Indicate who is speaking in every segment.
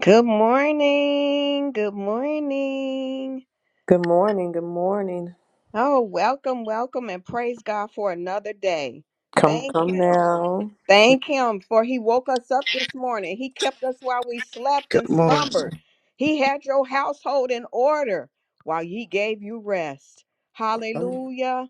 Speaker 1: Good morning. Good morning.
Speaker 2: Good morning. Good morning.
Speaker 1: Oh, welcome, welcome, and praise God for another day.
Speaker 2: Come,
Speaker 1: Thank
Speaker 2: come
Speaker 1: Him.
Speaker 2: now.
Speaker 1: Thank Him for He woke us up this morning. He kept us while we slept
Speaker 3: Good
Speaker 1: and
Speaker 3: morning.
Speaker 1: slumbered. He had your household in order while He gave you rest.
Speaker 2: Come,
Speaker 1: Hallelujah.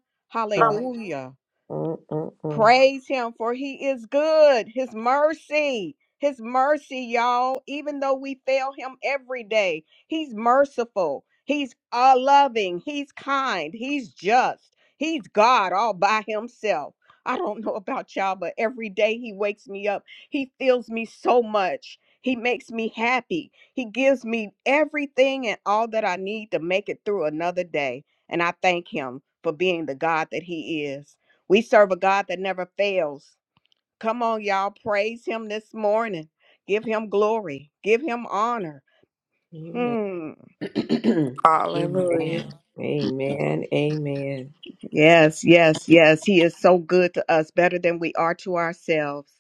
Speaker 2: come.
Speaker 1: Hallelujah.
Speaker 2: Mm-mm-mm.
Speaker 1: Praise him for he is good. His mercy, his mercy, y'all. Even though we fail him every day, he's merciful. He's uh, loving. He's kind. He's just. He's God all by himself. I don't know about y'all, but every day he wakes me up. He fills me so much. He makes me happy. He gives me everything and all that I need to make it through another day. And I thank him for being the God that he is. We serve a God that never fails. Come on, y'all. Praise Him this morning. Give Him glory. Give Him honor.
Speaker 2: Amen.
Speaker 1: Hmm.
Speaker 3: Hallelujah.
Speaker 2: Amen. Amen. Amen.
Speaker 1: Yes, yes, yes. He is so good to us, better than we are to ourselves.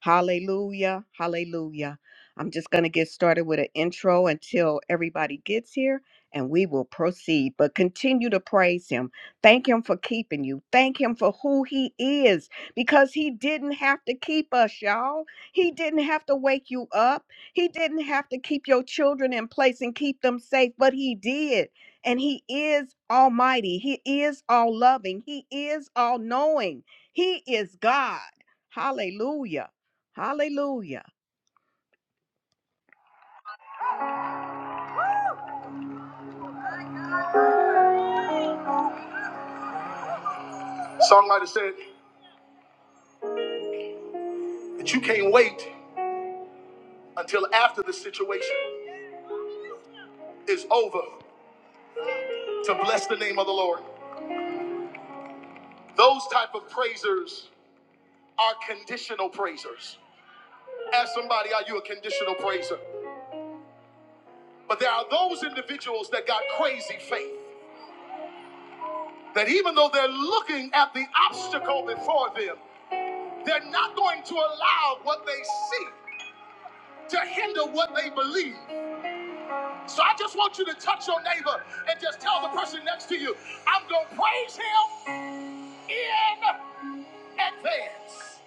Speaker 1: Hallelujah, hallelujah. I'm just going to get started with an intro until everybody gets here and we will proceed. But continue to praise him. Thank him for keeping you. Thank him for who he is because he didn't have to keep us, y'all. He didn't have to wake you up. He didn't have to keep your children in place and keep them safe, but he did and he is almighty he is all loving he is all knowing he is god hallelujah hallelujah Songwriter said that you can't wait until after the situation is over to bless the name of the Lord. Those type of praisers are conditional praisers. Ask somebody, are you a conditional praiser? But there are those individuals that got crazy faith that even though they're looking at the obstacle before them, They're not going to allow what they see to hinder what they believe. So I just want you to touch your neighbor and just tell the person next to you, I'm going to praise him in advance.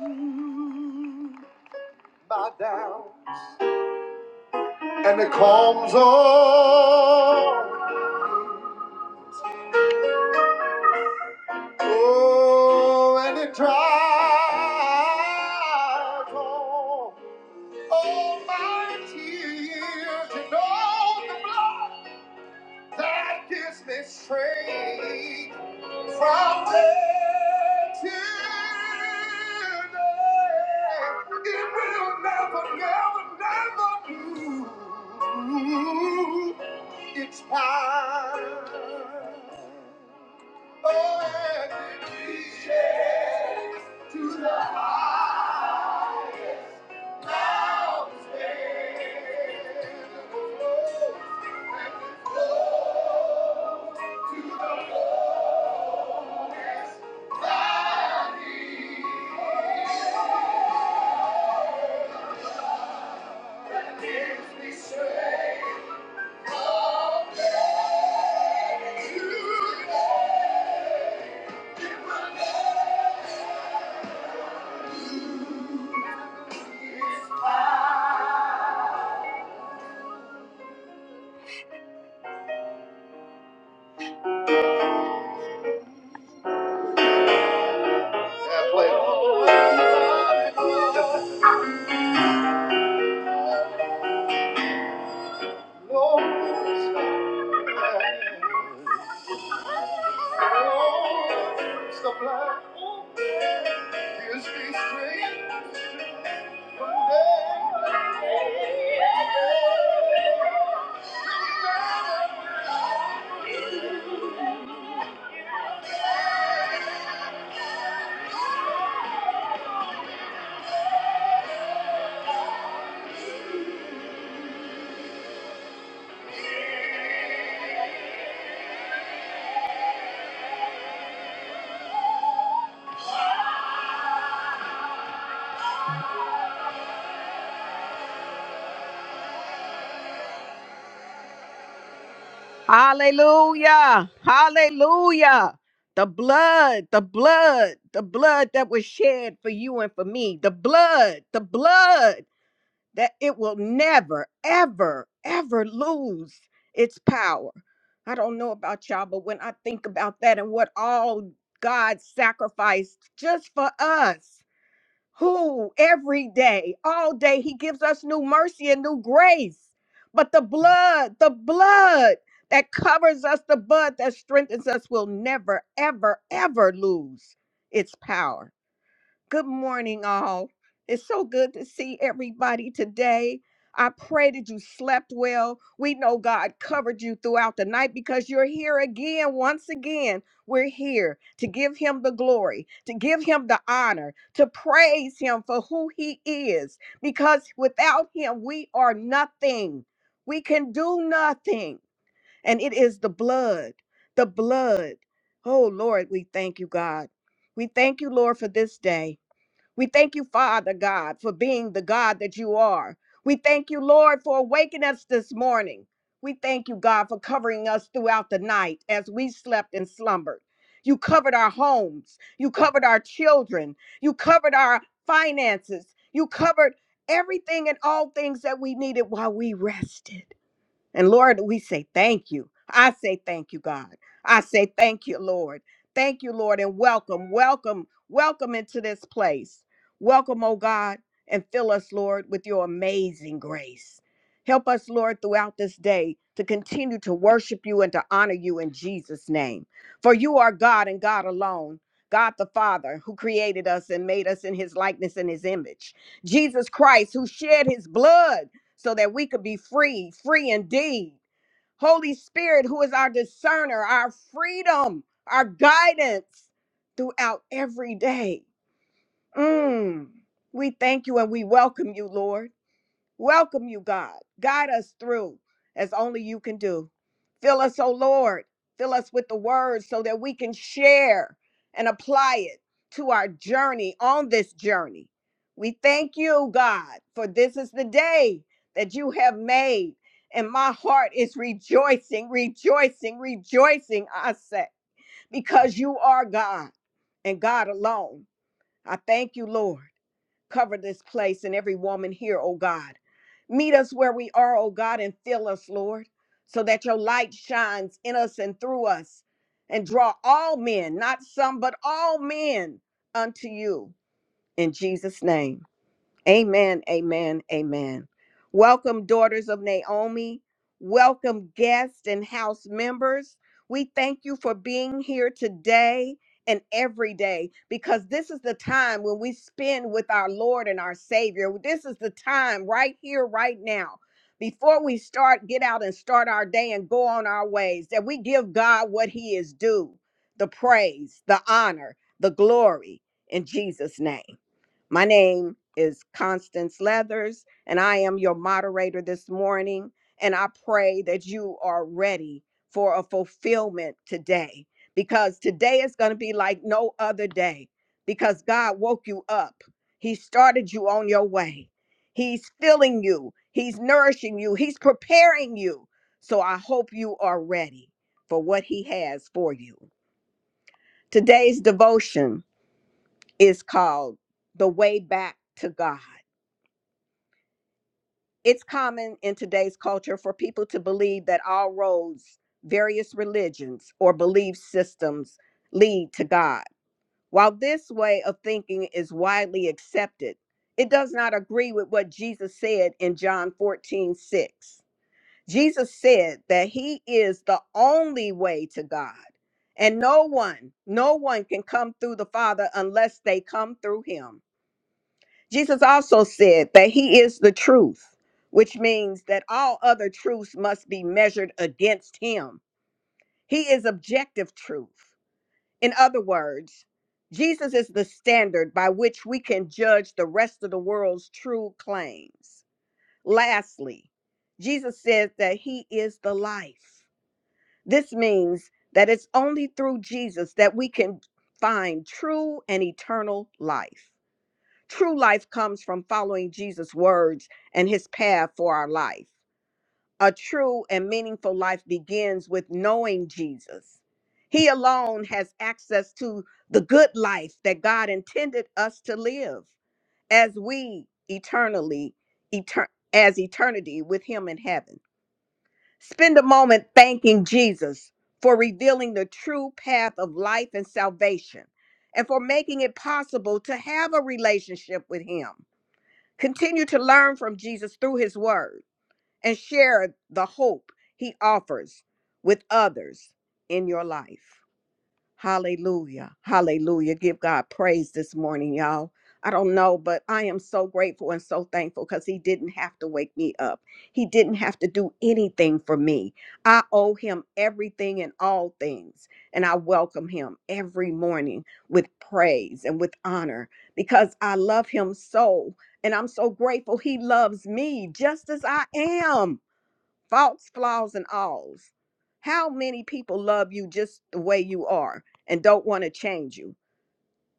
Speaker 1: Every day, my downs, and it comes on, Oh, and it drives on. all Oh, my tears and all the blood. that gives me strength from day to day. It will never, never, never do its power. Oh, and we share to the highest mountain. Oh, and it flows, We share to the Yeah, play it. Lord, supply. Gives me strength. Hallelujah. Hallelujah. The blood, the blood, the blood that was shed for you and for me. The blood, the blood that it will never, ever, ever lose its power. I don't know about y'all, but when I think about that and what all God sacrificed just for us, who every day, all day, he gives us new mercy and new grace. But the blood, the blood that covers us, the blood that strengthens us will never, ever, ever lose its power. Good morning, all. It's so good to see everybody today. I pray that you slept well. We know God covered you throughout the night because you're here again. Once again, we're here to give Him the glory, to give Him the honor, to praise Him for who He is, because without Him, we are nothing. We can do nothing. And it is the blood, the blood. Oh, Lord, we thank you, God. We thank you, Lord, for this day. We thank you, Father God, for being the God that you are. We thank you, Lord, for awakening us this morning. We thank you, God, for covering us throughout the night as we slept and slumbered. You covered our homes. You covered our children. You covered our finances. You covered everything and all things that we needed while we rested. And Lord, we say thank you. I say thank you, God. I say thank you, Lord. Thank you, Lord, and welcome, welcome, welcome into this place. Welcome, oh God, and fill us, Lord, with your amazing grace. Help us, Lord, throughout this day to continue to worship you and to honor you in Jesus' name. For you are God and God alone. God the Father, who created us and made us in his likeness and his image. Jesus Christ, who shed his blood so that we could be free, free indeed. Holy Spirit, who is our discerner, our freedom, our guidance throughout every day. Mm. We thank you and we welcome you, Lord. Welcome you, God. Guide us through as only you can do. Fill us, O Lord. Fill us with the word so that we can share and apply it to our journey on this journey. We thank you, God, for this is the day that you have made. And my heart is rejoicing, rejoicing, rejoicing, I say, because you are God and God alone. I thank you, Lord. Cover this place and every woman here, oh God. Meet us where we are, oh God, and fill us, Lord, so that your light shines in us and through us and draw all men, not some, but all men unto you. In Jesus' name. Amen, amen, amen. Welcome, daughters of Naomi. Welcome, guests and house members. We thank you for being here today and every day because this is the time when we spend with our Lord and our Savior. This is the time right here, right now. Before we start, get out and start our day and go on our ways, that we give God what He is due the praise, the honor, the glory in Jesus' name. My name is Constance Leathers, and I am your moderator this morning. And I pray that you are ready for a fulfillment today because today is going to be like no other day because God woke you up. He started you on your way. He's filling you, He's nourishing you, He's preparing you. So I hope you are ready for what He has for you. Today's devotion is called The Way Back to God. It's common in today's culture for people to believe that all roads, various religions, or belief systems lead to God. While this way of thinking is widely accepted, it does not agree with what Jesus said in John 14 6. Jesus said that he is the only way to God, and no one, no one can come through the Father unless they come through him. Jesus also said that he is the truth, which means that all other truths must be measured against him. He is objective truth. In other words, Jesus is the standard by which we can judge the rest of the world's true claims. Lastly, Jesus says that he is the life. This means that it's only through Jesus that we can find true and eternal life. True life comes from following Jesus' words and his path for our life. A true and meaningful life begins with knowing Jesus. He alone has access to the good life that God intended us to live as we eternally etern- as eternity with him in heaven. Spend a moment thanking Jesus for revealing the true path of life and salvation and for making it possible to have a relationship with him. Continue to learn from Jesus through his word and share the hope he offers with others in your life. Hallelujah. Hallelujah. Give God praise this morning, y'all. I don't know, but I am so grateful and so thankful because He didn't have to wake me up. He didn't have to do anything for me. I owe Him everything and all things. And I welcome Him every morning with praise and with honor because I love Him so. And I'm so grateful He loves me just as I am faults, flaws, and alls. How many people love you just the way you are and don't want to change you,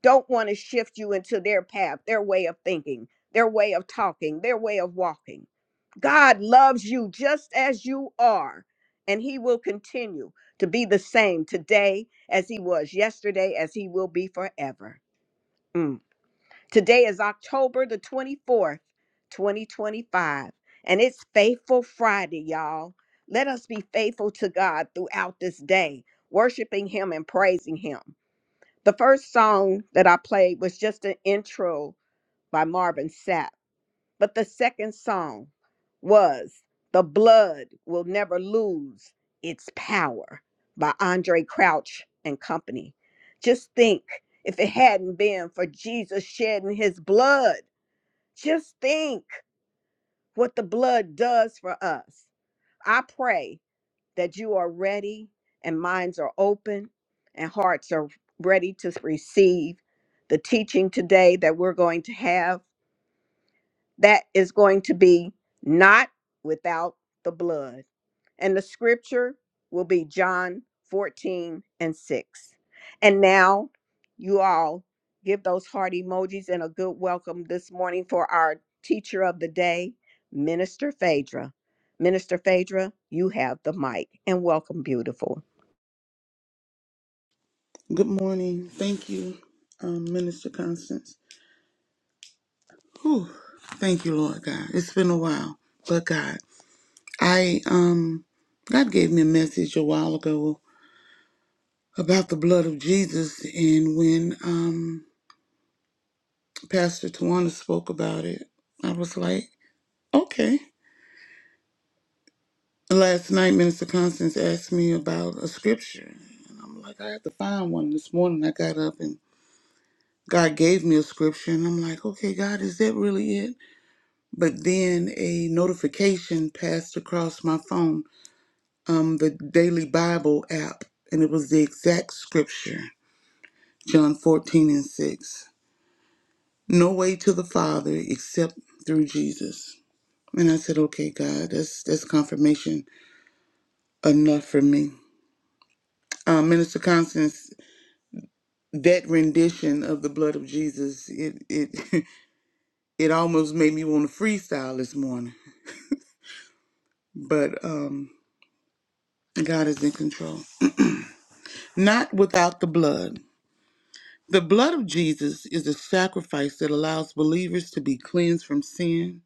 Speaker 1: don't want to shift you into their path, their way of thinking, their way of talking, their way of walking? God loves you just as you are, and He will continue to be the same today as He was yesterday, as He will be forever. Mm. Today is October the 24th, 2025, and it's Faithful Friday, y'all. Let us be faithful to God throughout this day, worshiping Him and praising Him. The first song that I played was just an intro by Marvin Sapp, but the second song was The Blood Will Never Lose Its Power by Andre Crouch and Company. Just think if it hadn't been for Jesus shedding his blood. Just think what the blood does for us. I pray that you are ready and minds are open and hearts are ready to receive the teaching today that we're going to have that is going to be not without the blood. And the scripture will be John 14 and 6. And now you all give those heart emojis and a good welcome this morning for our teacher of the day, Minister Phaedra. Minister Phaedra, you have the mic and welcome, beautiful.
Speaker 4: Good morning. Thank you, um, Minister Constance. Whew. Thank you, Lord God. It's been a while, but God, I um, God gave me a message a while ago about the blood of Jesus, and when um, Pastor Tawana spoke about it, I was like, okay. Last night, Minister Constance asked me about a scripture, and I'm like, I have to find one. This morning, I got up and God gave me a scripture, and I'm like, okay, God, is that really it? But then a notification passed across my phone, um, the Daily Bible app, and it was the exact scripture John 14 and 6. No way to the Father except through Jesus. And I said, okay, God, that's, that's confirmation enough for me. Uh, Minister Constance, that rendition of the blood of Jesus, it it it almost made me want to freestyle this morning. But um, God is in control. Not without the blood. The blood of Jesus is a sacrifice that allows believers to be cleansed from sin,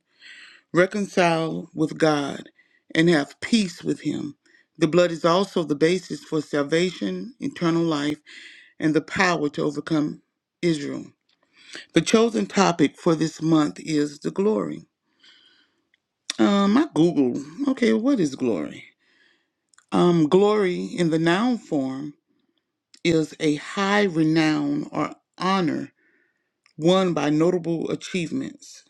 Speaker 4: reconciled with God, and have peace with Him. The blood is also the basis for salvation, eternal life, and the power to overcome Israel. The chosen topic for this month is the glory. Um, I Google, okay, what is glory? Um, glory in the noun form is a high renown or honor won by notable achievements.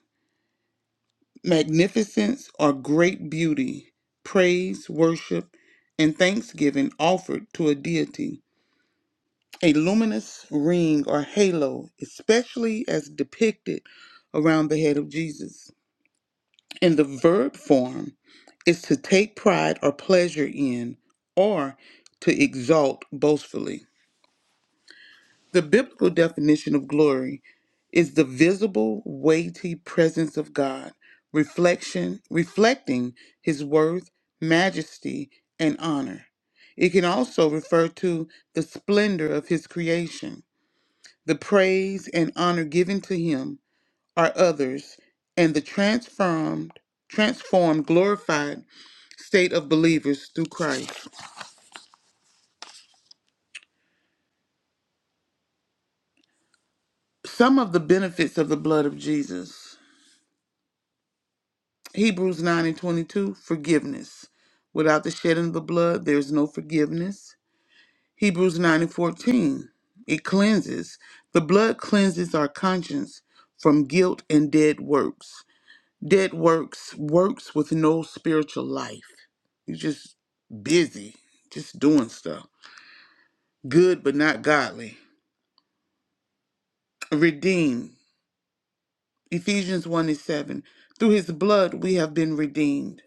Speaker 4: magnificence or great beauty, praise, worship, and thanksgiving offered to a deity. A luminous ring or halo, especially as depicted around the head of Jesus. In the verb form, is to take pride or pleasure in, or to exalt boastfully. The biblical definition of glory is the visible, weighty presence of God, reflection, reflecting his worth, majesty, and honor. It can also refer to the splendor of his creation. The praise and honor given to him are others, and the transformed, transformed, glorified state of believers through Christ. Some of the benefits of the blood of Jesus. Hebrews 9 and 22, forgiveness. Without the shedding of the blood, there is no forgiveness. Hebrews 9 and 14, it cleanses. The blood cleanses our conscience from guilt and dead works. Dead works, works with no spiritual life. You're just busy, just doing stuff. Good but not godly. Redeemed. Ephesians 1 and 7. Through his blood we have been redeemed.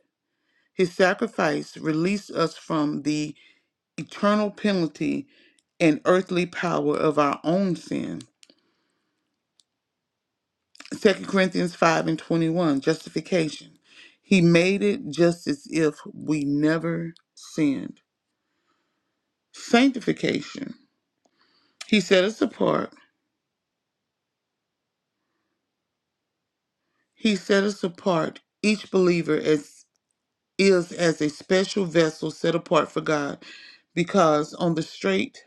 Speaker 4: His sacrifice released us from the eternal penalty and earthly power of our own sin. Second Corinthians 5 and 21, justification. He made it just as if we never sinned. Sanctification. He set us apart. He set us apart, each believer as is as a special vessel set apart for God, because on the straight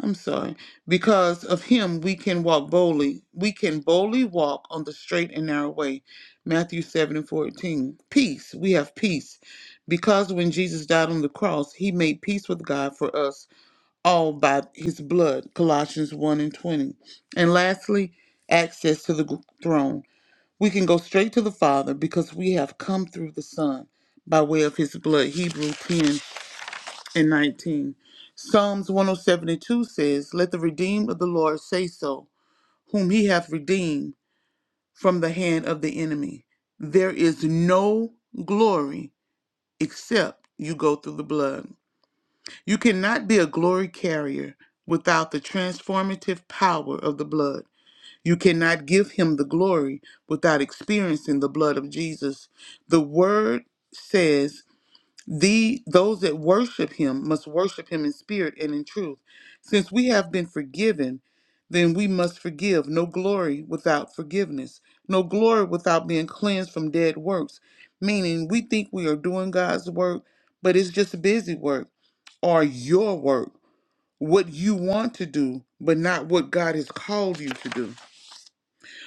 Speaker 4: I'm sorry. Because of him, we can walk boldly. We can boldly walk on the straight and narrow way. Matthew 7 and 14. Peace. We have peace. Because when Jesus died on the cross, he made peace with God for us all by his blood. Colossians 1 and 20. And lastly, access to the g- throne. We can go straight to the Father because we have come through the Son by way of his blood. Hebrew 10 and 19. Psalms one hundred seventy-two says, Let the redeemed of the Lord say so, whom he hath redeemed from the hand of the enemy. There is no glory except you go through the blood. You cannot be a glory carrier without the transformative power of the blood. You cannot give him the glory without experiencing the blood of Jesus. The word says the those that worship him must worship him in spirit and in truth. Since we have been forgiven, then we must forgive. No glory without forgiveness. No glory without being cleansed from dead works. Meaning we think we are doing God's work, but it's just busy work or your work, what you want to do, but not what God has called you to do.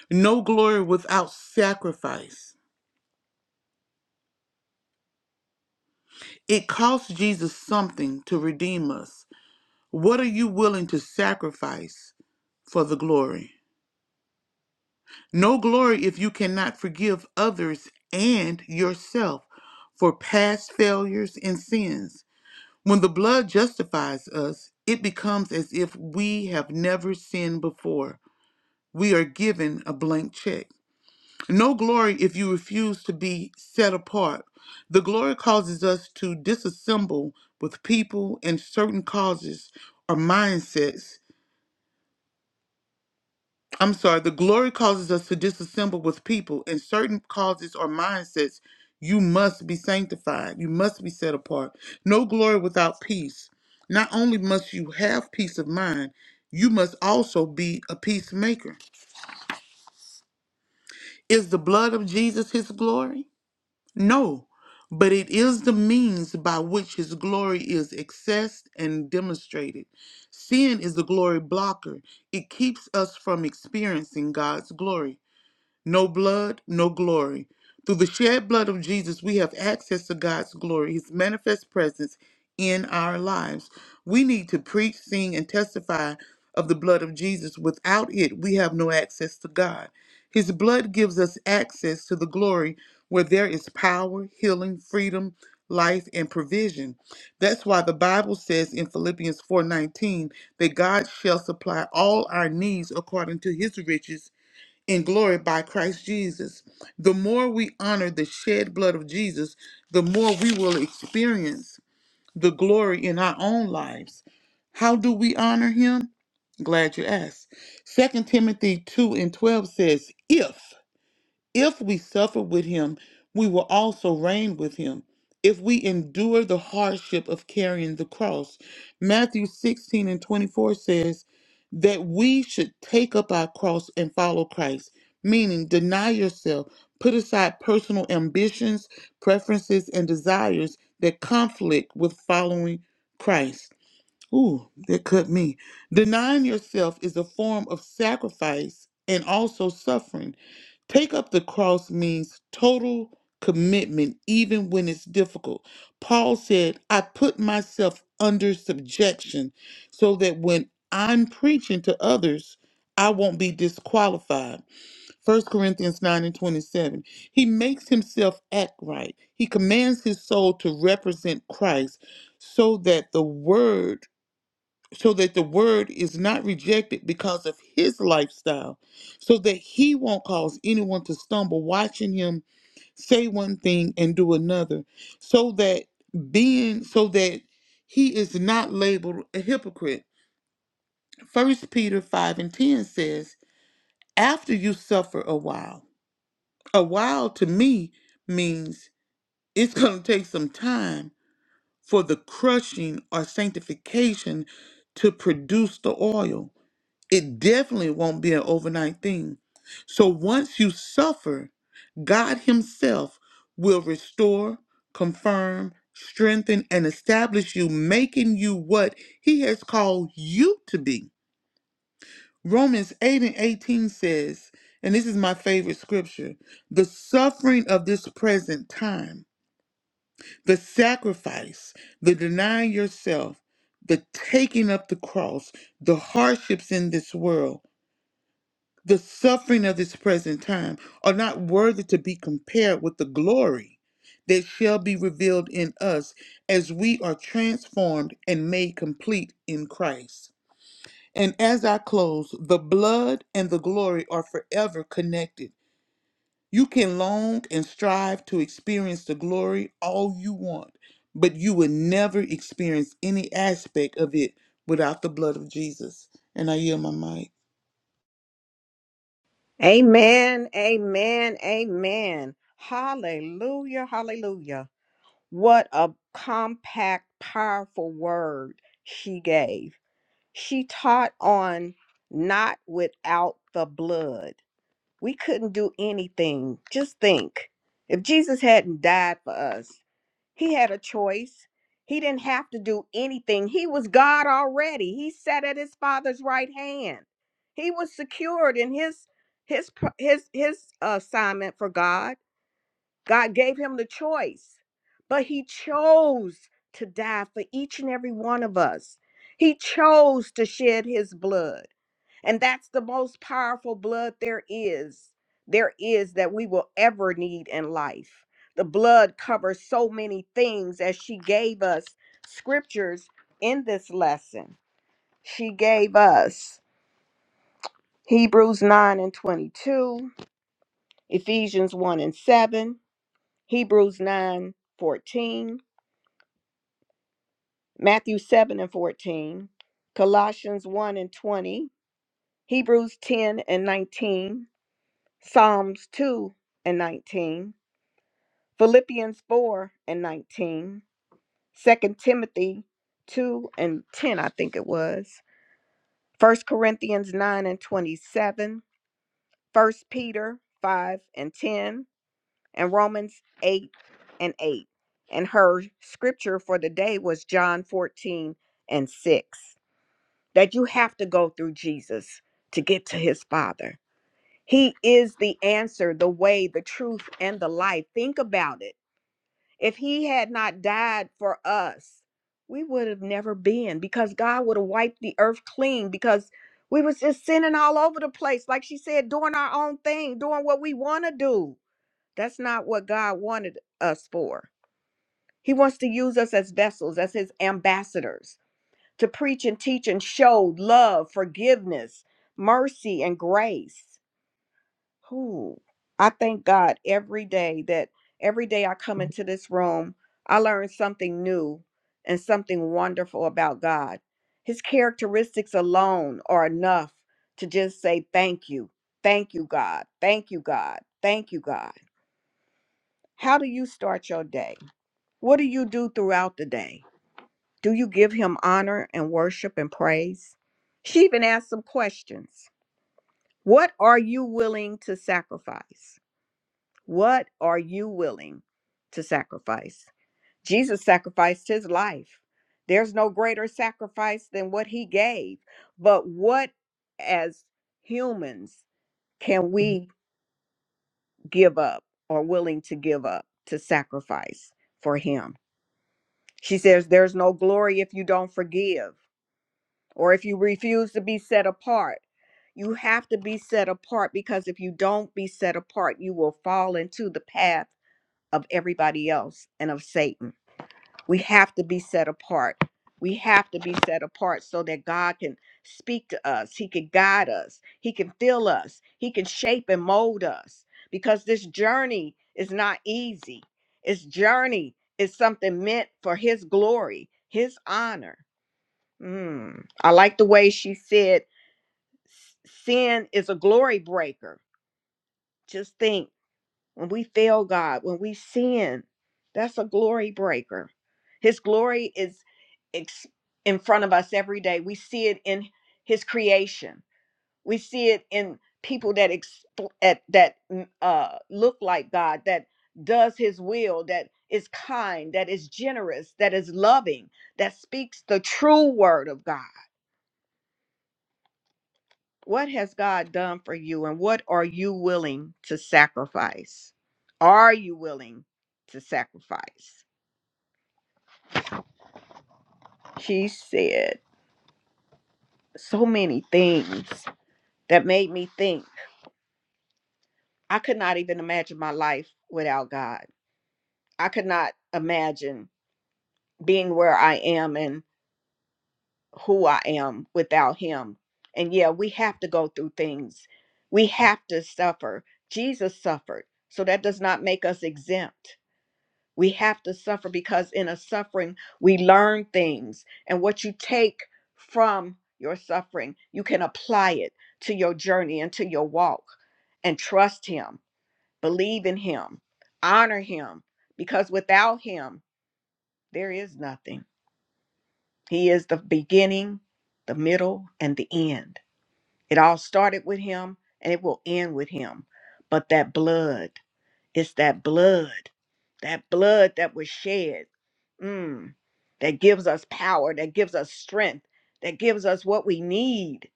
Speaker 4: No glory without sacrifice. It cost Jesus something to redeem us. What are you willing to sacrifice for the glory? No glory if you cannot forgive others and yourself for past failures and sins. When the blood justifies us, it becomes as if we have never sinned before. We are given a blank check. No glory if you refuse to be set apart. The glory causes us to disassemble with people and certain causes or mindsets I'm sorry, the glory causes us to disassemble with people in certain causes or mindsets. You must be sanctified. You must be set apart. No glory without peace. Not only must you have peace of mind, you must also be a peacemaker. Is the blood of Jesus his glory? No, but it is the means by which his glory is accessed and demonstrated. Sin is the glory blocker, it keeps us from experiencing God's glory. No blood, no glory. Through the shed blood of Jesus, we have access to God's glory, his manifest presence in our lives. We need to preach, sing, and testify of the blood of Jesus. Without it, we have no access to God. His blood gives us access to the glory where there is power, healing, freedom, life, and provision. That's why the Bible says in Philippians 4:19 that God shall supply all our needs according to his riches in glory by Christ Jesus. The more we honor the shed blood of Jesus, the more we will experience the glory in our own lives. How do we honor him? Glad you asked. Second Timothy 2 and 12 says, If. If we suffer with him, we will also reign with him. If we endure the hardship of carrying the cross. Matthew 16 and 24 says that we should take up our cross and follow Christ, meaning deny yourself, put aside personal ambitions, preferences, and desires that conflict with following Christ. Ooh, that cut me. Denying yourself is a form of sacrifice and also suffering. Take up the cross means total commitment, even when it's difficult. Paul said, I put myself under subjection so that when I'm preaching to others, I won't be disqualified. First Corinthians 9 and 27. He makes himself act right. He commands his soul to represent Christ so that the word so that the word is not rejected because of his lifestyle, so that he won't cause anyone to stumble watching him say one thing and do another, so that being so that he is not labeled a hypocrite. First Peter 5 and 10 says, After you suffer a while, a while to me means it's going to take some time for the crushing or sanctification to produce the oil It definitely won't be an overnight thing. So once you suffer, God Himself will restore, confirm, strengthen, and establish you, making you what He has called you to be. Romans 8 and 18 says, and this is my favorite scripture the suffering of this present time, the sacrifice, the denying yourself, the taking up the cross, the hardships in this world The suffering of this present time are not worthy to be compared with the glory that shall be revealed in us as we are transformed and made complete in Christ. And as I close, the blood and the glory are forever connected. You can long and strive to experience the glory all you want, but you will never experience any aspect of it without the blood of Jesus. And I yield my mic.
Speaker 1: Amen, amen, amen. Hallelujah, hallelujah. What a compact, powerful word she gave. She taught on not without the blood. We couldn't do anything. Just think if Jesus hadn't died for us, he had a choice. He didn't have to do anything. He was God already. He sat at his father's right hand. He was secured in his his his his uh, assignment for God. God gave him the choice, but he chose to die for each and every one of us. He chose to shed his blood. And that's the most powerful blood there is, there is that we will ever need in life. The blood covers so many things as she gave us scriptures in this lesson. She gave us Hebrews 9 and 22, Ephesians 1 and 7, Hebrews 9 14. Matthew 7 and 14, Colossians 1 and 20, Hebrews 10 and 19, Psalms 2 and 19, Philippians 4 and 19, Second Timothy 2 and 10, I think it was, First Corinthians 9 and 27, First Peter 5 and 10, and Romans 8 and 8. And her scripture for the day was John 14 and 6. that you have to go through Jesus to get to his Father. He is the answer, the way, the truth, and the life. Think about it. If he had not died for us, we would have never been because God would have wiped the earth clean because we was just sinning all over the place. Like she said, doing our own thing, doing what we want to do. That's not what God wanted us for. He wants to use us as vessels, as his ambassadors to preach and teach and show love, forgiveness, mercy, and grace. Who I thank God every day that every day I come into this room, I learn something new and something wonderful about God. His characteristics alone are enough to just say thank you. Thank you, God. Thank you, God. Thank you, God. How do you start your day? What do you do throughout the day? Do you give him honor and worship and praise? She even asked some questions. What are you willing to sacrifice? What are you willing to sacrifice? Jesus sacrificed his life. There's no greater sacrifice than what he gave. But what, as humans, can we give up or willing to give up to sacrifice for him? She says, There's no glory if you don't forgive. or if you refuse to be set apart. You have to be set apart because if you don't be set apart, you will fall into the path of everybody else and of Satan. We have to be set apart. We have to be set apart so that God can speak to us. He can guide us. He can fill us. He can shape and mold us because this journey is not easy. This journey is something meant for His glory, His honor. Mm, I like the way she said "S- sin is a glory breaker. Just think when we fail God, when we sin, that's a glory breaker. His glory is ex- in front of us every day. We see it in his creation. We see it in people that ex- at, that mm, uh, look like God, that does his will, that is kind, that is generous, that is loving, that speaks the true word of God what has God done for you and what are you willing to sacrifice? Are you willing to sacrifice? She said so many things that made me think I could not even imagine my life without God. I could not imagine being where I am and who I am without Him. And yeah, we have to go through things, we have to suffer. Jesus suffered, so that does not make us exempt We have to suffer because in a suffering, we learn things. And what you take from your suffering, you can apply it to your journey and to your walk. And trust Him, believe in Him, honor Him, because without Him, there is nothing. He is the beginning, the middle, and the end. It all started with Him and it will end with Him. But that blood, it's that blood, that blood that was shed. Mm. that gives us power, that gives us strength, that gives us what we need,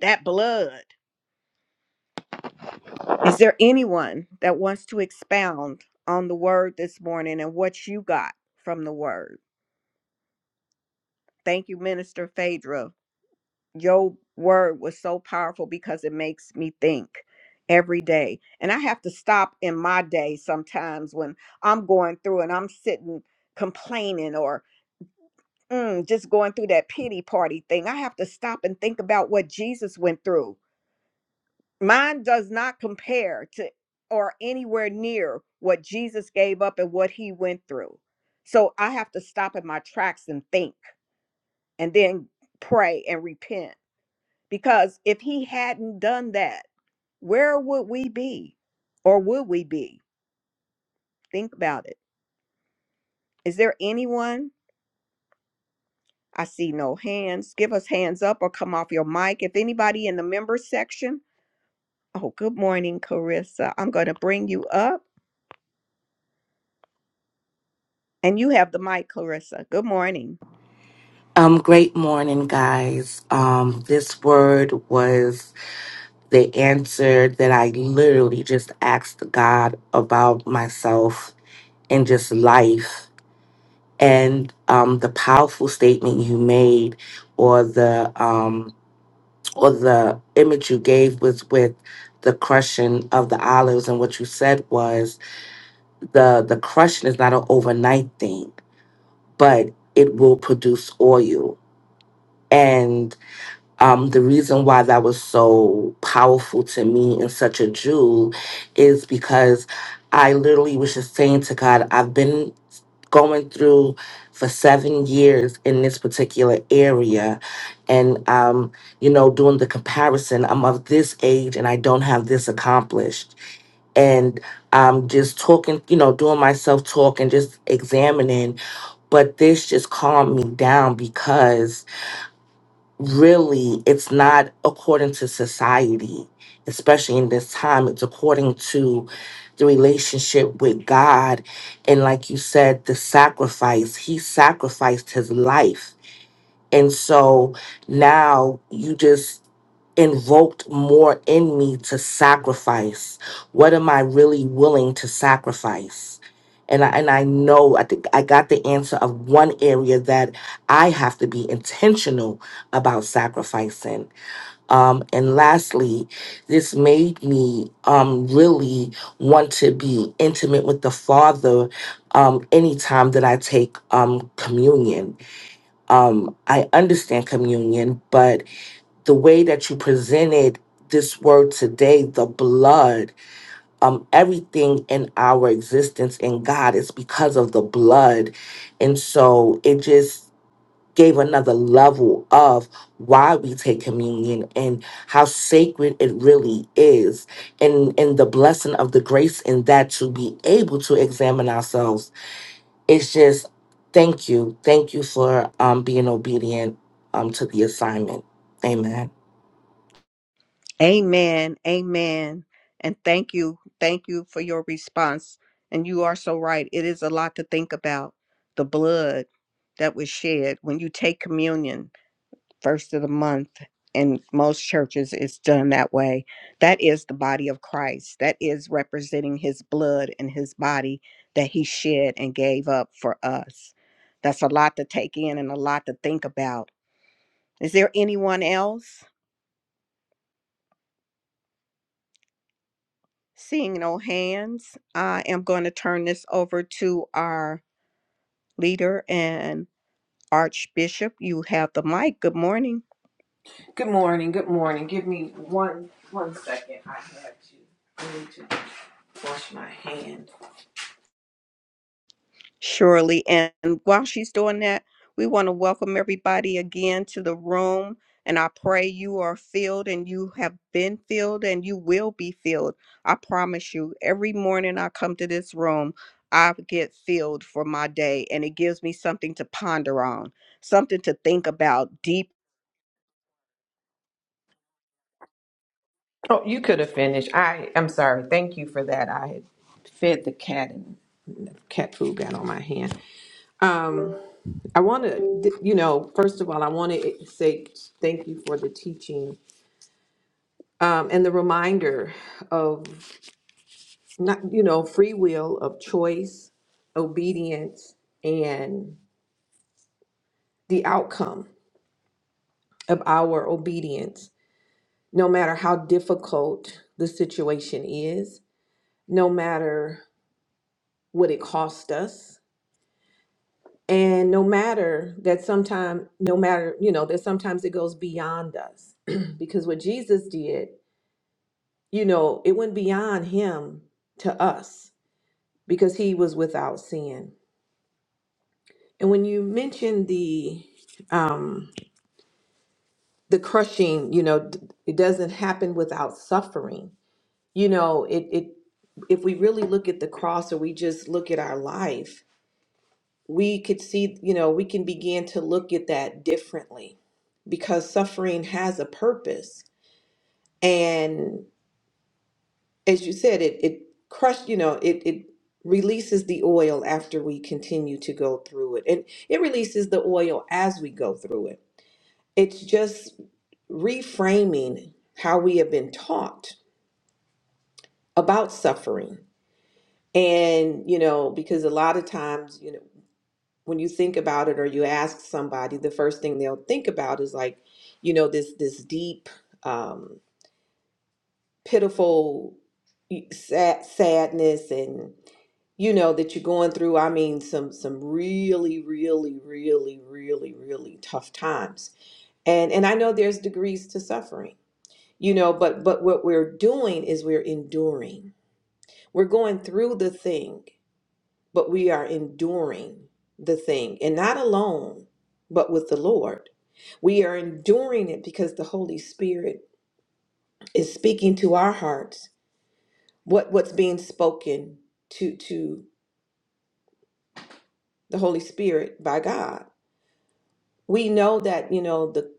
Speaker 1: that blood. Is there anyone that wants to expound on the word this morning and what you got from the word? Thank you, Minister Phaedra. Your word was so powerful because it makes me think every day. And I have to stop in my day sometimes when I'm going through and I'm sitting complaining or. mm, just going through that pity party thing. I have to stop and think about what Jesus went through. Mine does not compare to or anywhere near what Jesus gave up and what he went through. So I have to stop in my tracks and think and then pray and repent. Because if he hadn't done that, where would we be? Or would we be? Think about it. Is there anyone? I see no hands. Give us hands up or come off your mic. If anybody in the member section Oh, good morning, Clarissa. I'm going to bring you up and you have the mic, Clarissa. Good morning.
Speaker 5: Um, great morning, guys. Um, this word was the answer that I literally just asked God about myself and just life. And um, the powerful statement you made, or the um, or the image you gave, was with the crushing of the olives. And what you said was the the crushing is not an overnight thing, but it will produce oil. um, the reason why that was so powerful to me and such a jewel is because I literally was just saying to God, I've been going through for seven years in this particular area. And, um, you know, doing the comparison, I'm of this age and I don't have this accomplished. And um, just talking, you know, doing myself talk and just examining. But this just calmed me down because really it's not according to society especially in this time it's according to the relationship with god and like you said the sacrifice he sacrificed his life and so now you just invoked more in me to sacrifice. What am I really willing to sacrifice? And I, and I know I think I got the answer of one area that I have to be intentional about sacrificing. Um, and lastly, this made me um, really want to be intimate with the Father um, anytime that I take um, communion um, I understand communion, but the way that you presented this word today, the blood, um, everything in our existence in God is because of the blood. And so it just gave another level of why we take communion and how sacred it really is and and the blessing of the grace in that to be able to examine ourselves it's just thank you thank you for um being obedient um to the assignment amen
Speaker 1: Amen. Amen. And thank you. Thank you for your response. And you are so right. It is a lot to think about the blood that was shed when you take communion. first of the month in most churches it's done that way that is the body of christ that is representing his blood and his body that he shed and gave up for us that's a lot to take in and a lot to think about is there anyone else seeing no hands i am going to turn this over to our leader and archbishop you have the mic good morning
Speaker 2: Good morning. Good morning. Give me one one second. I have to. I need to wash my hand.
Speaker 1: Surely. And while she's doing that, we want to welcome everybody again to the room. And I pray you are filled and you have been filled and you will be filled. I promise you, every morning I come to this room, I get filled for my day and it gives me something to ponder on, something to think about deep.
Speaker 2: Oh, you could have finished. I. I'm sorry. Thank you for that. I had fed the cat and cat food got on my hand. Um, I want to. You know, first of all, I want to say thank you for the teaching um, and the reminder of not you know free will of choice obedience and the outcome of our obedience no matter how difficult the situation is no matter what it cost us and no matter that sometimes no matter you know that sometimes it goes beyond us because what jesus did you know it went beyond him to us because he was without sin And when you mention the um, the crushing, you know, d- it doesn't happen without suffering. You know, it it if we really look at the cross or we just look at our life, we could see, you know, we can begin to look at that differently because suffering has a purpose. And as you said, it it crushed, you know, it it releases the oil after we continue to go through it. And it releases the oil as we go through it It's just reframing how we have been taught about suffering. And, you know, because a lot of times, you know, when you think about it or you ask somebody, the first thing they'll think about is like, you know, this this deep, um, pitiful sad, sadness and you know that you're going through i mean some some really really really really really tough times and and i know there's degrees to suffering you know but but what we're doing is we're enduring we're going through the thing but we are enduring the thing and not alone but with the lord we are enduring it because the holy spirit is speaking to our hearts what what's being spoken to to the holy spirit by god we know that you know the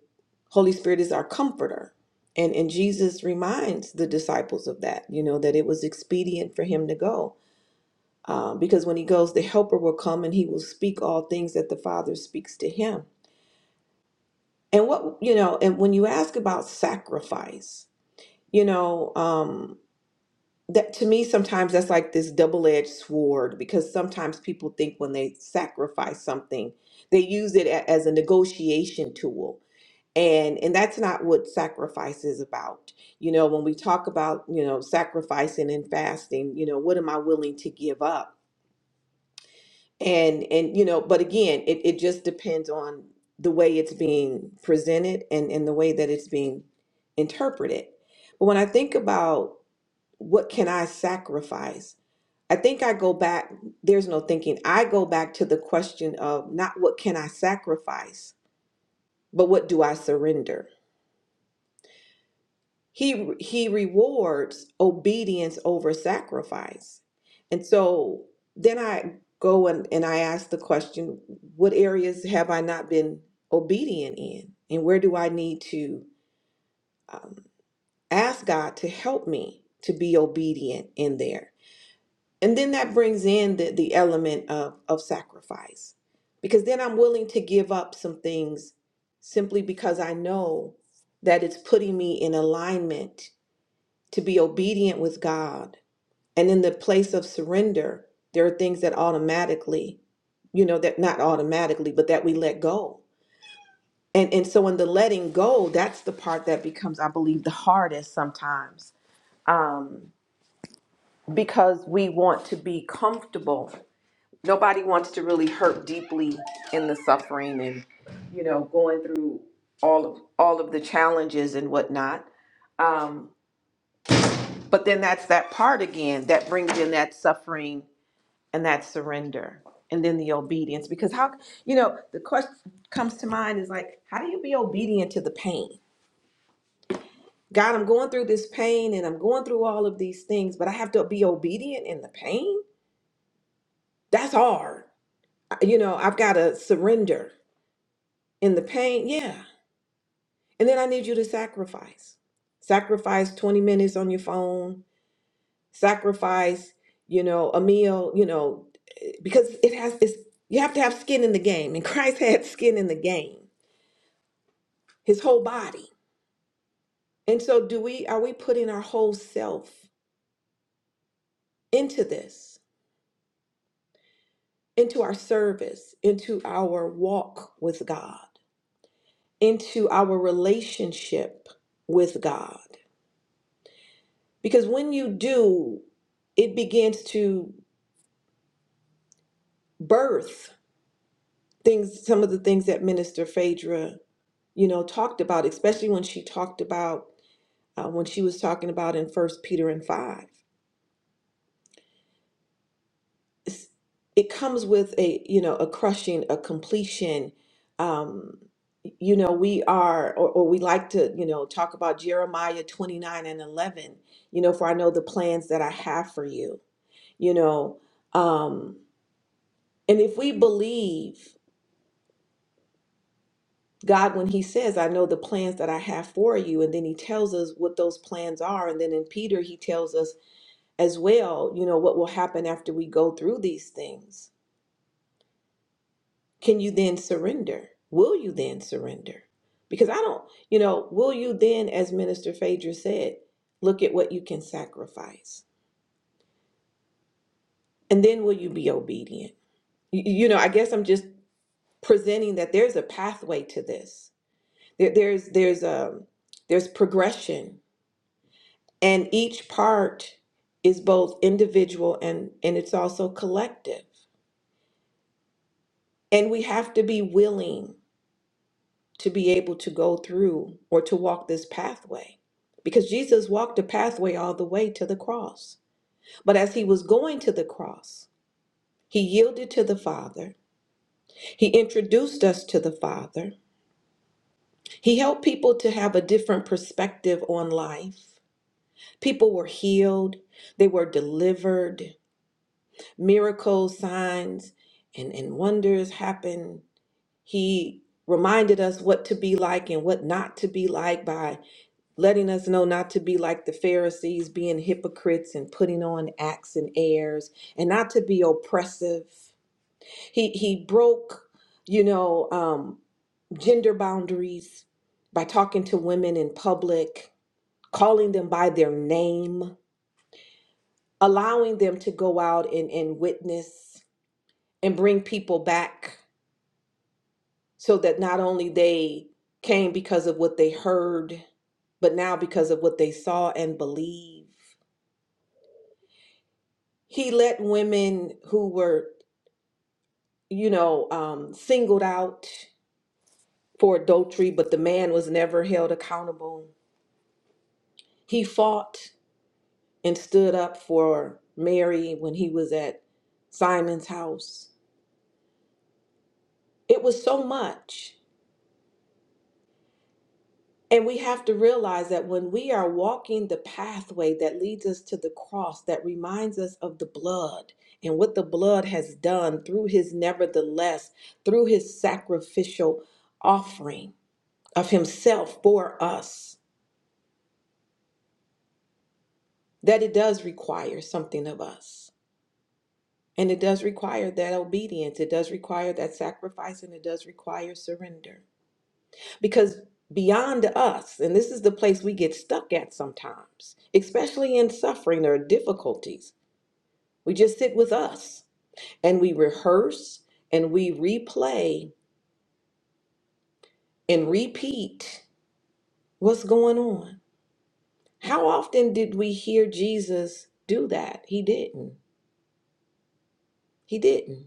Speaker 2: holy spirit is our comforter and and jesus reminds the disciples of that you know that it was expedient for him to go um, because when he goes, the Helper will come and he will speak all things that the Father speaks to him. And what you know, and when you ask about sacrifice, you know, um, that to me sometimes that's like this double-edged sword because sometimes people think when they sacrifice something, they use it a- as a negotiation tool. And and that's not what sacrifice is about. You know, when we talk about, you know, sacrificing and fasting, you know, what am I willing to give up? and and you know but again it, it just depends on the way it's being presented and and the way that it's being interpreted but when i think about what can i sacrifice i think i go back there's no thinking i go back to the question of not what can i sacrifice but what do i surrender He he rewards obedience over sacrifice. And so then I go and, and I ask the question, what areas have I not been obedient in? And where do I need to um, ask God to help me to be obedient in there? And then that brings in the, the element of, of sacrifice, because then I'm willing to give up some things simply because I know that it's putting me in alignment to be obedient with God. And in the place of surrender, there are things that automatically, you know, that not automatically, but that we let go. And and so in the letting go, that's the part that becomes, I believe, the hardest sometimes. Um, because we want to be comfortable. Nobody wants to really hurt deeply in the suffering and, you know, going through all of all of the challenges and whatnot. Um, But then that's that part again that brings in that suffering and that surrender and then the obedience. Because how, you know, the question comes to mind is like, how do you be obedient to the pain? God, I'm going through this pain and I'm going through all of these things, but I have to be obedient in the pain? That's hard. You know, I've got to surrender in the pain. Yeah. And then I need you to sacrifice. Sacrifice 20 minutes on your phone, sacrifice, you know, a meal, you know, because it has this, you have to have skin in the game. And Christ had skin in the game, his whole body. And so, do we, are we putting our whole self into this, into our service, into our walk with God, into our relationship with God? Because when you do, it begins to birth things, some of the things that Minister Phaedra you know, talked about, especially when she talked about uh, when she was talking about in First Peter and five. It's, it comes with a you know a crushing, a completion. Um, you know, we are, or, or we like to you know talk about Jeremiah twenty nine and eleven. You know, for I know the plans that I have for you. You know, um, and if we believe. God, when He says, I know the plans that I have for you, and then He tells us what those plans are. And then in Peter, He tells us as well, you know, what will happen after we go through these things. Can you then surrender? Will you then surrender? Because I don't, you know, will you then, as Minister Phaedra said, look at what you can sacrifice? And then will you be obedient? You, you know, I guess I'm just presenting that there's a pathway to this. There, there's there's um there's progression, and each part is both individual and and it's also collective. And we have to be willing to be able to go through or to walk this pathway. Because Jesus walked the pathway all the way to the cross. But as he was going to the cross, he yielded to the Father. He introduced us to the Father. He helped people to have a different perspective on life. People were healed, they were delivered, miracles, signs, and, and wonders happened. He reminded us what to be like and what not to be like by letting us know not to be like the Pharisees, being hypocrites and putting on acts and airs, and not to be oppressive. He he broke, you know, um, gender boundaries by talking to women in public, calling them by their name, allowing them to go out and, and witness and bring people back so that not only they came because of what they heard, but now because of what they saw and believe he let women who were you know um, singled out for adultery but the man was never held accountable he fought and stood up for mary when he was at simon's house it was so much and we have to realize that when we are walking the pathway that leads us to the cross that reminds us of the blood and what the blood has done through his nevertheless through his sacrificial offering of himself for us that it does require something of us and it does require that obedience it does require that sacrifice and it does require surrender because beyond us and this is the place we get stuck at sometimes especially in suffering or difficulties we just sit with us and we rehearse and we replay and repeat what's going on how often did we hear jesus do that he didn't he didn't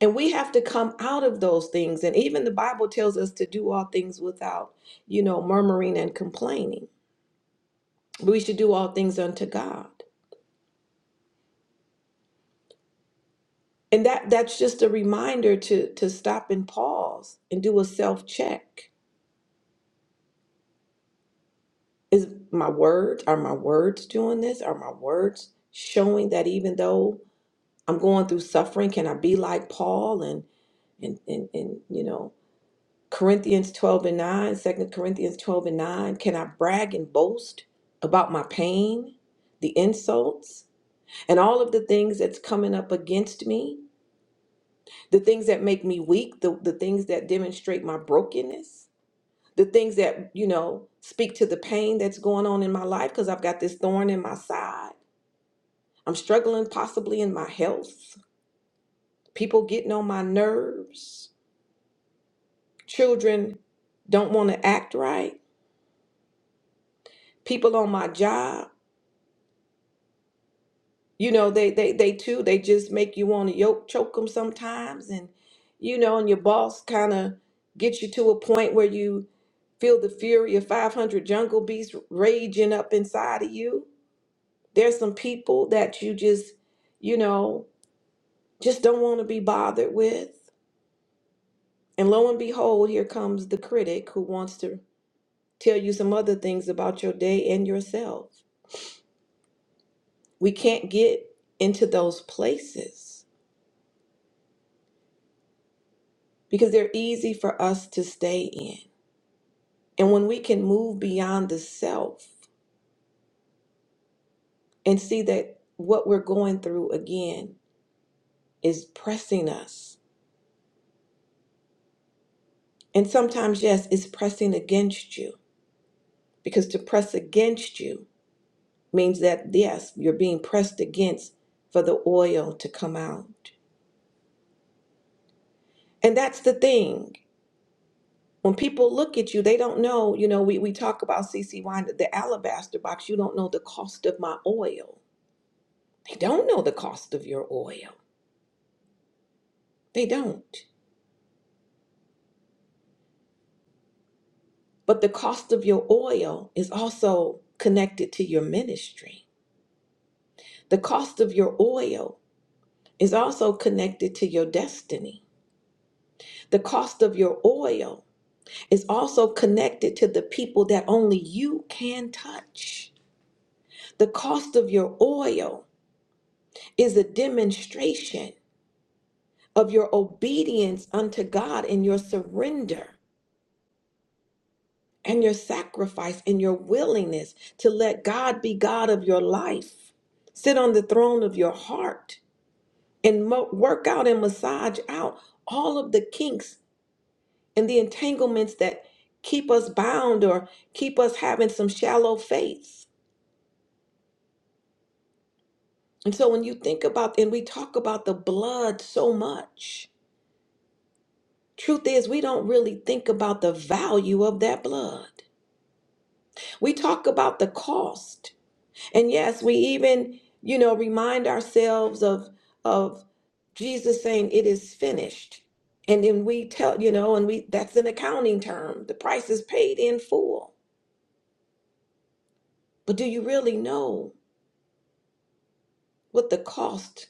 Speaker 2: And we have to come out of those things. And even the Bible tells us to do all things without, you know, murmuring and complaining. We should do all things unto God. And that that's just a reminder to to stop and pause and do a self-check. Is my word, are my words doing this? Are my words showing that even though I'm going through suffering, can I be like Paul and and and, and you know Corinthians 12 and 9, Second Corinthians 12 and 9. Can I brag and boast about my pain, the insults, and all of the things that's coming up against me? The things that make me weak, the, the things that demonstrate my brokenness, the things that, you know, speak to the pain that's going on in my life because I've got this thorn in my side. I'm struggling possibly in my health, people getting on my nerves, children don't want to act right, people on my job you know they they they too they just make you want to yoke choke them sometimes and you know and your boss kind of gets you to a point where you feel the fury of 500 jungle beasts raging up inside of you there's some people that you just you know just don't want to be bothered with and lo and behold here comes the critic who wants to tell you some other things about your day and yourself we can't get into those places because they're easy for us to stay in. And when we can move beyond the self and see that what we're going through again is pressing us. And sometimes, yes, it's pressing against you because to press against you means that, yes, you're being pressed against for the oil to come out. And that's the thing. When people look at you, they don't know, you know, we, we talk about CC wine, the alabaster box, you don't know the cost of my oil. They don't know the cost of your oil. They don't. But the cost of your oil is also connected to your ministry. The cost of your oil is also connected to your destiny. The cost of your oil is also connected to the people that only you can touch. The cost of your oil is a demonstration of your obedience unto God and your surrender and your sacrifice and your willingness to let God be God of your life. Sit on the throne of your heart and mo- work out and massage out all of the kinks and the entanglements that keep us bound or keep us having some shallow faith. And so when you think about and we talk about the blood so much, truth is we don't really think about the value of that blood. We talk about the cost, And yes, we even, you know, remind ourselves of of Jesus saying it is finished. And then we tell, you know, and we that's an accounting term. The price is paid in full. But do you really know what the cost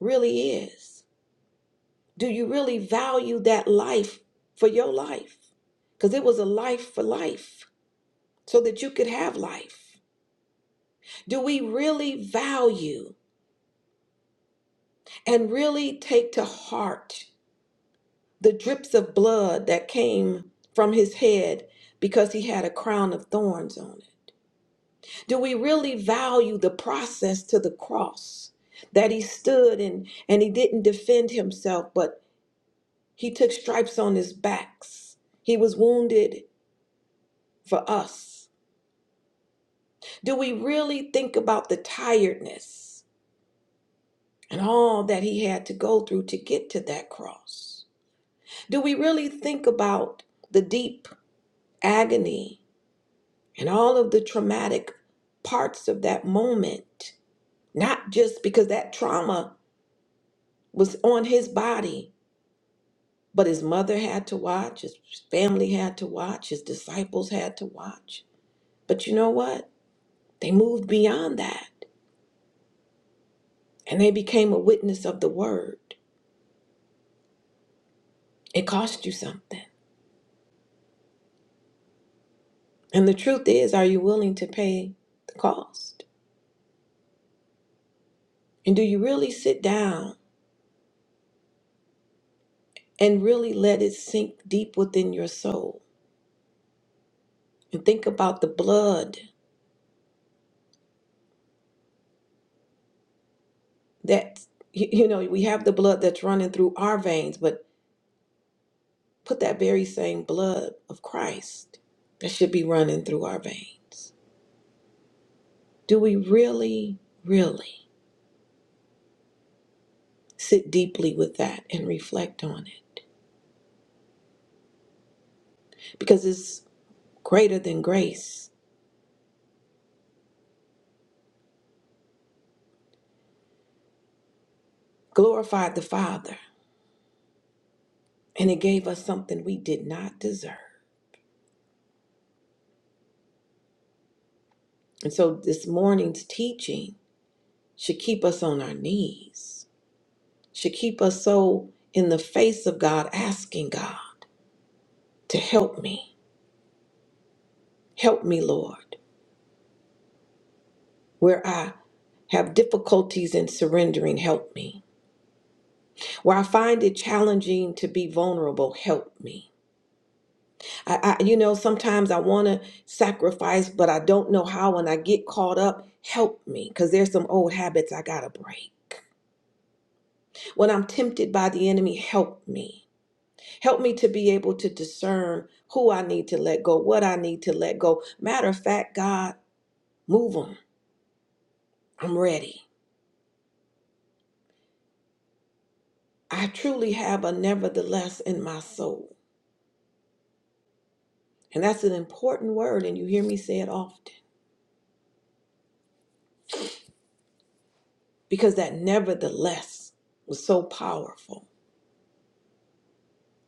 Speaker 2: really is? Do you really value that life for your life? Cuz it was a life for life so that you could have life. Do we really value and really take to heart the drips of blood that came from his head because he had a crown of thorns on it? Do we really value the process to the cross that he stood and, and he didn't defend himself, but he took stripes on his backs? He was wounded for us. Do we really think about the tiredness and all that he had to go through to get to that cross? Do we really think about the deep agony and all of the traumatic parts of that moment, not just because that trauma was on his body, but his mother had to watch, his family had to watch, his disciples had to watch. But you know what? They moved beyond that and they became a witness of the word. It cost you something. And the truth is, are you willing to pay the cost? And do you really sit down and really let it sink deep within your soul and think about the blood? that you you know we have the blood that's running through our veins but put that very same blood of christ that should be running through our veins do we really really sit deeply with that and reflect on it because it's greater than grace glorified the father and it gave us something we did not deserve and so this morning's teaching should keep us on our knees should keep us so in the face of god asking god to help me. Help me, Lord, where I have difficulties in surrendering, help me. Where I find it challenging to be vulnerable, help me. I, I you know, sometimes I want to sacrifice, but I don't know how, and I get caught up, help me, because there's some old habits I got to break. When I'm tempted by the enemy, help me. Help me to be able to discern who I need to let go, what I need to let go. Matter of fact, God, move them. I'm ready. I truly have a nevertheless in my soul. And that's an important word, and you hear me say it often because that nevertheless was so powerful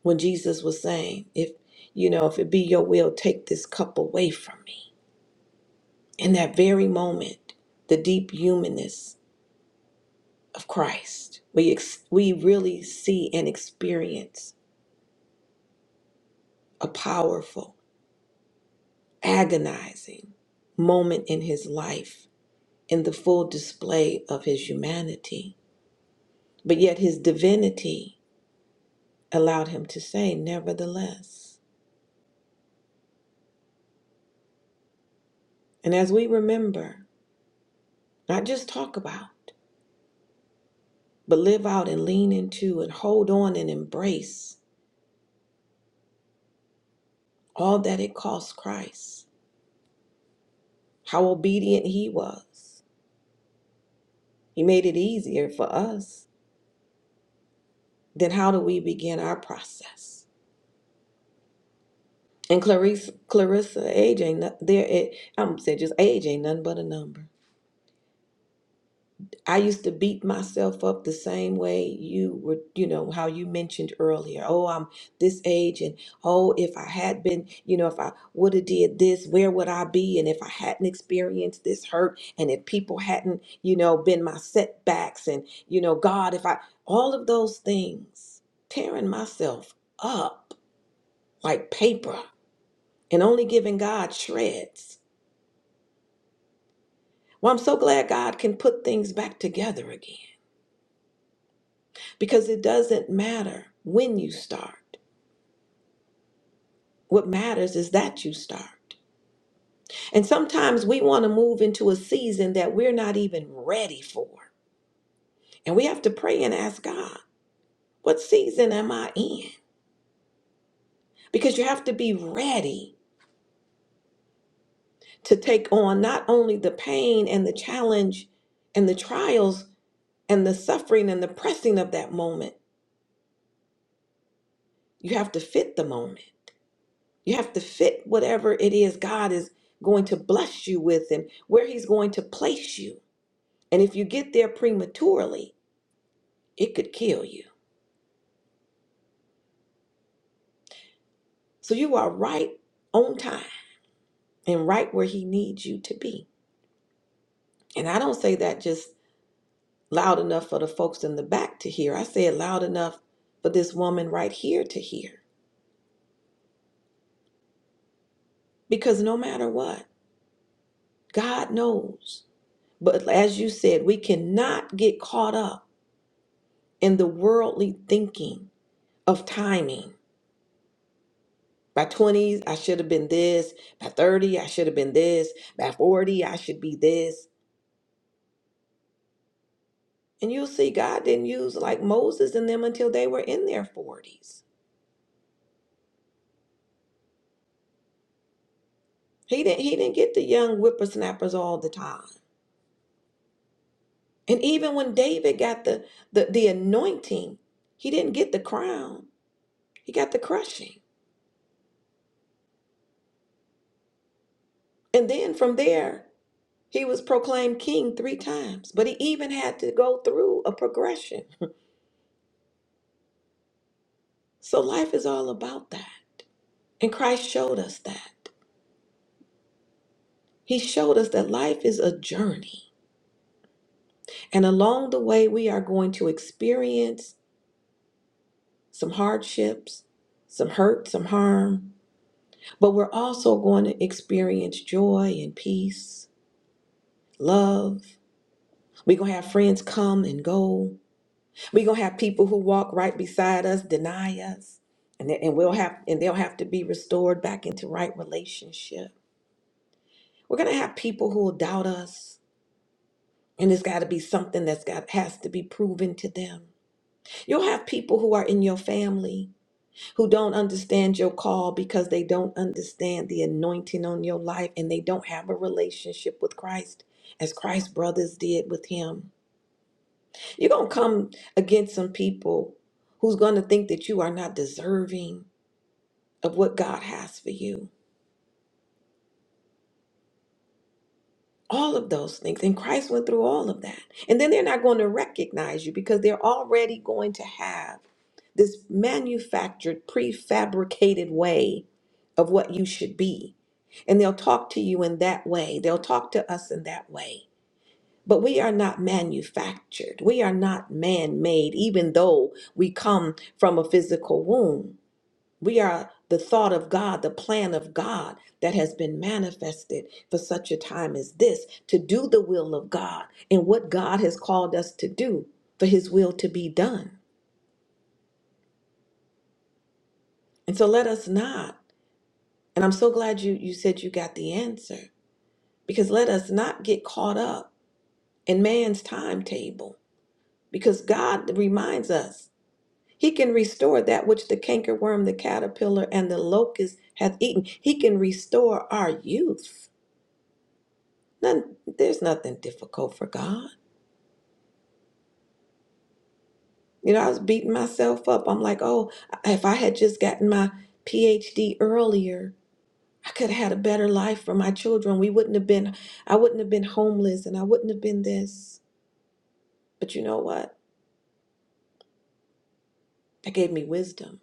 Speaker 2: when Jesus was saying, If you know, if it be your will, take this cup away from me. In that very moment, the deep humanness of Christ, we, ex- we really see and experience a powerful, agonizing moment in his life in the full display of his humanity But yet his divinity allowed him to say, nevertheless. And as we remember, not just talk about, but live out and lean into and hold on and embrace all that it cost Christ, how obedient he was. He made it easier for us. Then how do we begin our process? And Clarissa, Clarissa, age ain't no- there. It, I'm saying just age ain't nothing but a number. I used to beat myself up the same way you were, you know, how you mentioned earlier. Oh, I'm this age and oh, if I had been, you know, if I would have did this, where would I be? And if I hadn't experienced this hurt and if people hadn't, you know, been my setbacks and, you know, God, if I all of those things, tearing myself up like paper and only giving God shreds. Well, I'm so glad God can put things back together again. because it doesn't matter when you start. What matters is that you start. And sometimes we want to move into a season that we're not even ready for. And we have to pray and ask God, what season am I in? Because you have to be ready to take on not only the pain and the challenge and the trials and the suffering and the pressing of that moment, you have to fit the moment. You have to fit whatever it is God is going to bless you with and where He's going to place you. And if you get there prematurely, it could kill you. So you are right on time and right where He needs you to be. And I don't say that just loud enough for the folks in the back to hear. I say it loud enough for this woman right here to hear. Because no matter what, God knows. But as you said, we cannot get caught up in the worldly thinking of timing By 20s, I should have been this. By 30, I should have been this. By 40, I should be this. And you'll see God didn't use like Moses and them until they were in their 40s. He didn't he didn't get the young whippersnappers all the time. And even when David got the the, the anointing, he didn't get the crown. He got the crushing. And then from there, he was proclaimed king three times. But he even had to go through a progression. So life is all about that. And Christ showed us that. He showed us that life is a journey. And along the way, we are going to experience some hardships, some hurt, some harm, but we're also going to experience joy and peace, love. We're going to have friends come and go. We're going to have people who walk right beside us deny us. And, they- and we'll have and they'll have to be restored back into right relationship. We're gonna have people who will doubt us, and it's gotta be something that's got has to be proven to them. You'll have people who are in your family who don't understand your call because they don't understand the anointing on your life and they don't have a relationship with Christ as Christ's brothers did with him. You're going to come against some people who's going to think that you are not deserving of what God has for you. all of those things. And Christ went through all of that. And then they're not going to recognize you because they're already going to have this manufactured, prefabricated way of what you should be. And they'll talk to you in that way, they'll talk to us in that way. But we are not manufactured. We are not man made, even though we come from a physical womb. We are the thought of God, the plan of God that has been manifested for such a time as this to do the will of God and what God has called us to do for his will to be done. And so let us not, and I'm so glad you, you said you got the answer, because let us not get caught up in man's timetable, because God reminds us he can restore that which the cankerworm, the caterpillar, and the locust hath eaten. He can restore our youth. None, there's nothing difficult for God. You know, I was beating myself up. I'm like, oh, if I had just gotten my PhD earlier, I could have had a better life for my children. We wouldn't have been, I wouldn't have been homeless and I wouldn't have been this. But you know what? That gave me wisdom.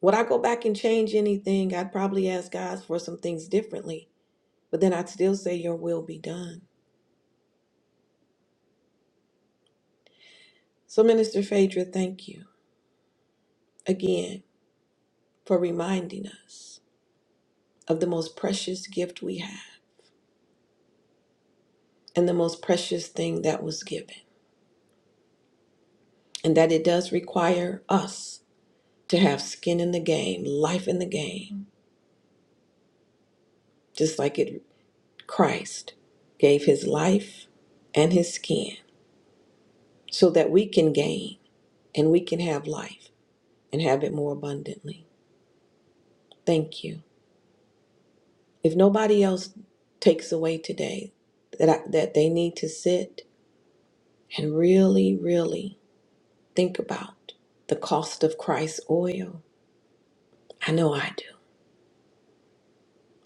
Speaker 2: Would I go back and change anything? I'd probably ask God for some things differently, but then I'd still say, Your will be done. So, Minister Phaedra, thank you again for reminding us of the most precious gift we have and the most precious thing that was given, and that it does require us to have skin in the game, life in the game, just like it Christ gave his life and his skin so that we can gain and we can have life and have it more abundantly. Thank you. If nobody else takes away today that I, that they need to sit and really really think about the cost of Christ's oil. I know I do.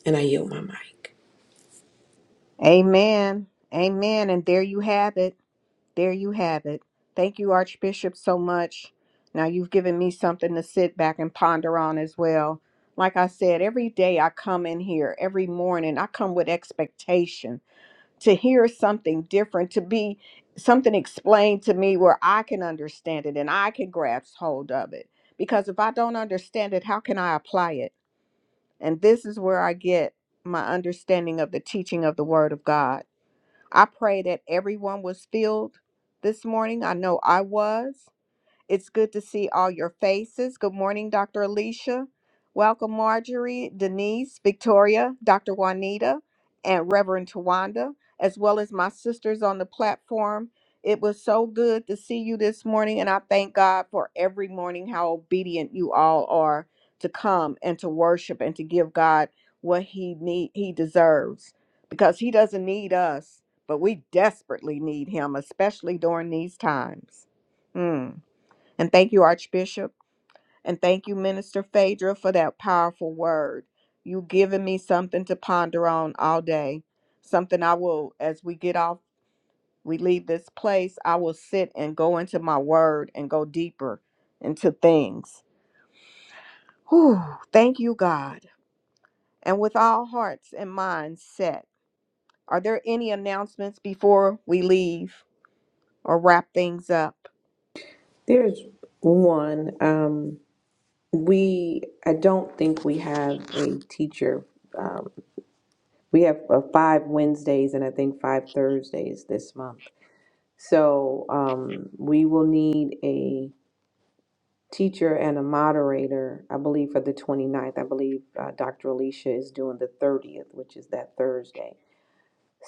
Speaker 2: And I yield my mic.
Speaker 1: Amen. Amen. And there you have it. There you have it. Thank you, Archbishop, so much. Now you've given me something to sit back and ponder on as well. Like I said, every day I come in here, every morning, I come with expectation to hear something different, to be something explained to me where I can understand it and I can grasp hold of it. Because if I don't understand it, how can I apply it? And this is where I get my understanding of the teaching of the Word of God I pray that everyone was filled this morning. I know I was. It's good to see all your faces. Good morning, Dr. Alicia. Welcome, Marjorie, Denise, Victoria, Dr. Juanita, and Reverend Tawanda, as well as my sisters on the platform. It was so good to see you this morning, and I thank God for every morning how obedient you all are to come and to worship and to give God what he need he deserves because he doesn't need us, but we desperately need him, especially during these times. Mm. And thank you, Archbishop. And thank you, Minister Phaedra, for that powerful word. You've given me something to ponder on all day. Something I will, as we get off, we leave this place, I will sit and go into my word and go deeper into things. Whew, thank you, God. And with all hearts and minds set, are there any announcements before we leave or wrap things up?
Speaker 2: There's one. Um, we I don't think we have a teacher. Um, we have uh, five Wednesdays and I think five Thursdays this month. So um, we will need a teacher and a moderator. I believe for the 29th. I believe uh, Dr. Alicia is doing the 30th, which is that Thursday.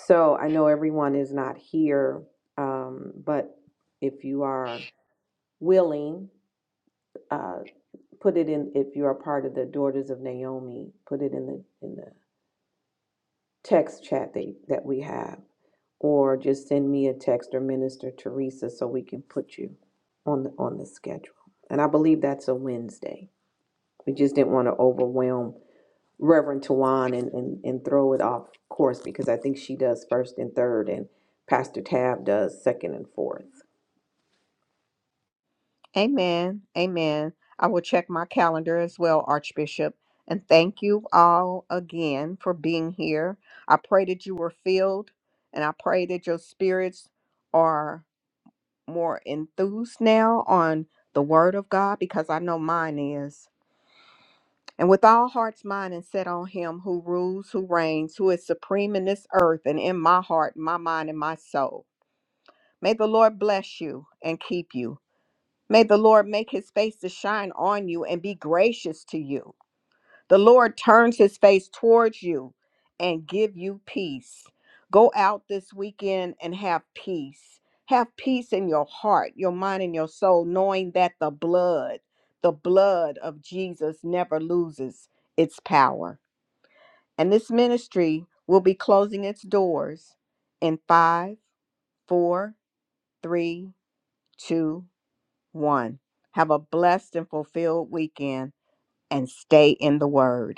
Speaker 2: So I know everyone is not here, um, but if you are willing. uh, put it in, if you're a part of the Daughters of Naomi, put it in the, in the text chat that, that we have. Or just send me a text or Minister Teresa so we can put you on the, on the schedule. And I believe that's a Wednesday. We just didn't want to overwhelm Reverend Tawan and, and, and throw it off course because I think she does first and third and Pastor Tab does second and fourth.
Speaker 1: Amen. Amen. I will check my calendar as well, Archbishop. And thank you all again for being here. I pray that you were filled and I pray that your spirits are more enthused now on the word of God because I know mine is. And with all hearts, mind, and set on him who rules, who reigns, who is supreme in this earth and in my heart, my mind, and my soul. May the Lord bless you and keep you. May the Lord make his face to shine on you and be gracious to you. The Lord turns his face towards you and give you peace. Go out this weekend and have peace. Have peace in your heart, your mind, and your soul, knowing that the blood, the blood of Jesus never loses its power. And this ministry will be closing its doors in five, four, three, two. One, have a blessed and fulfilled weekend and stay in the Word.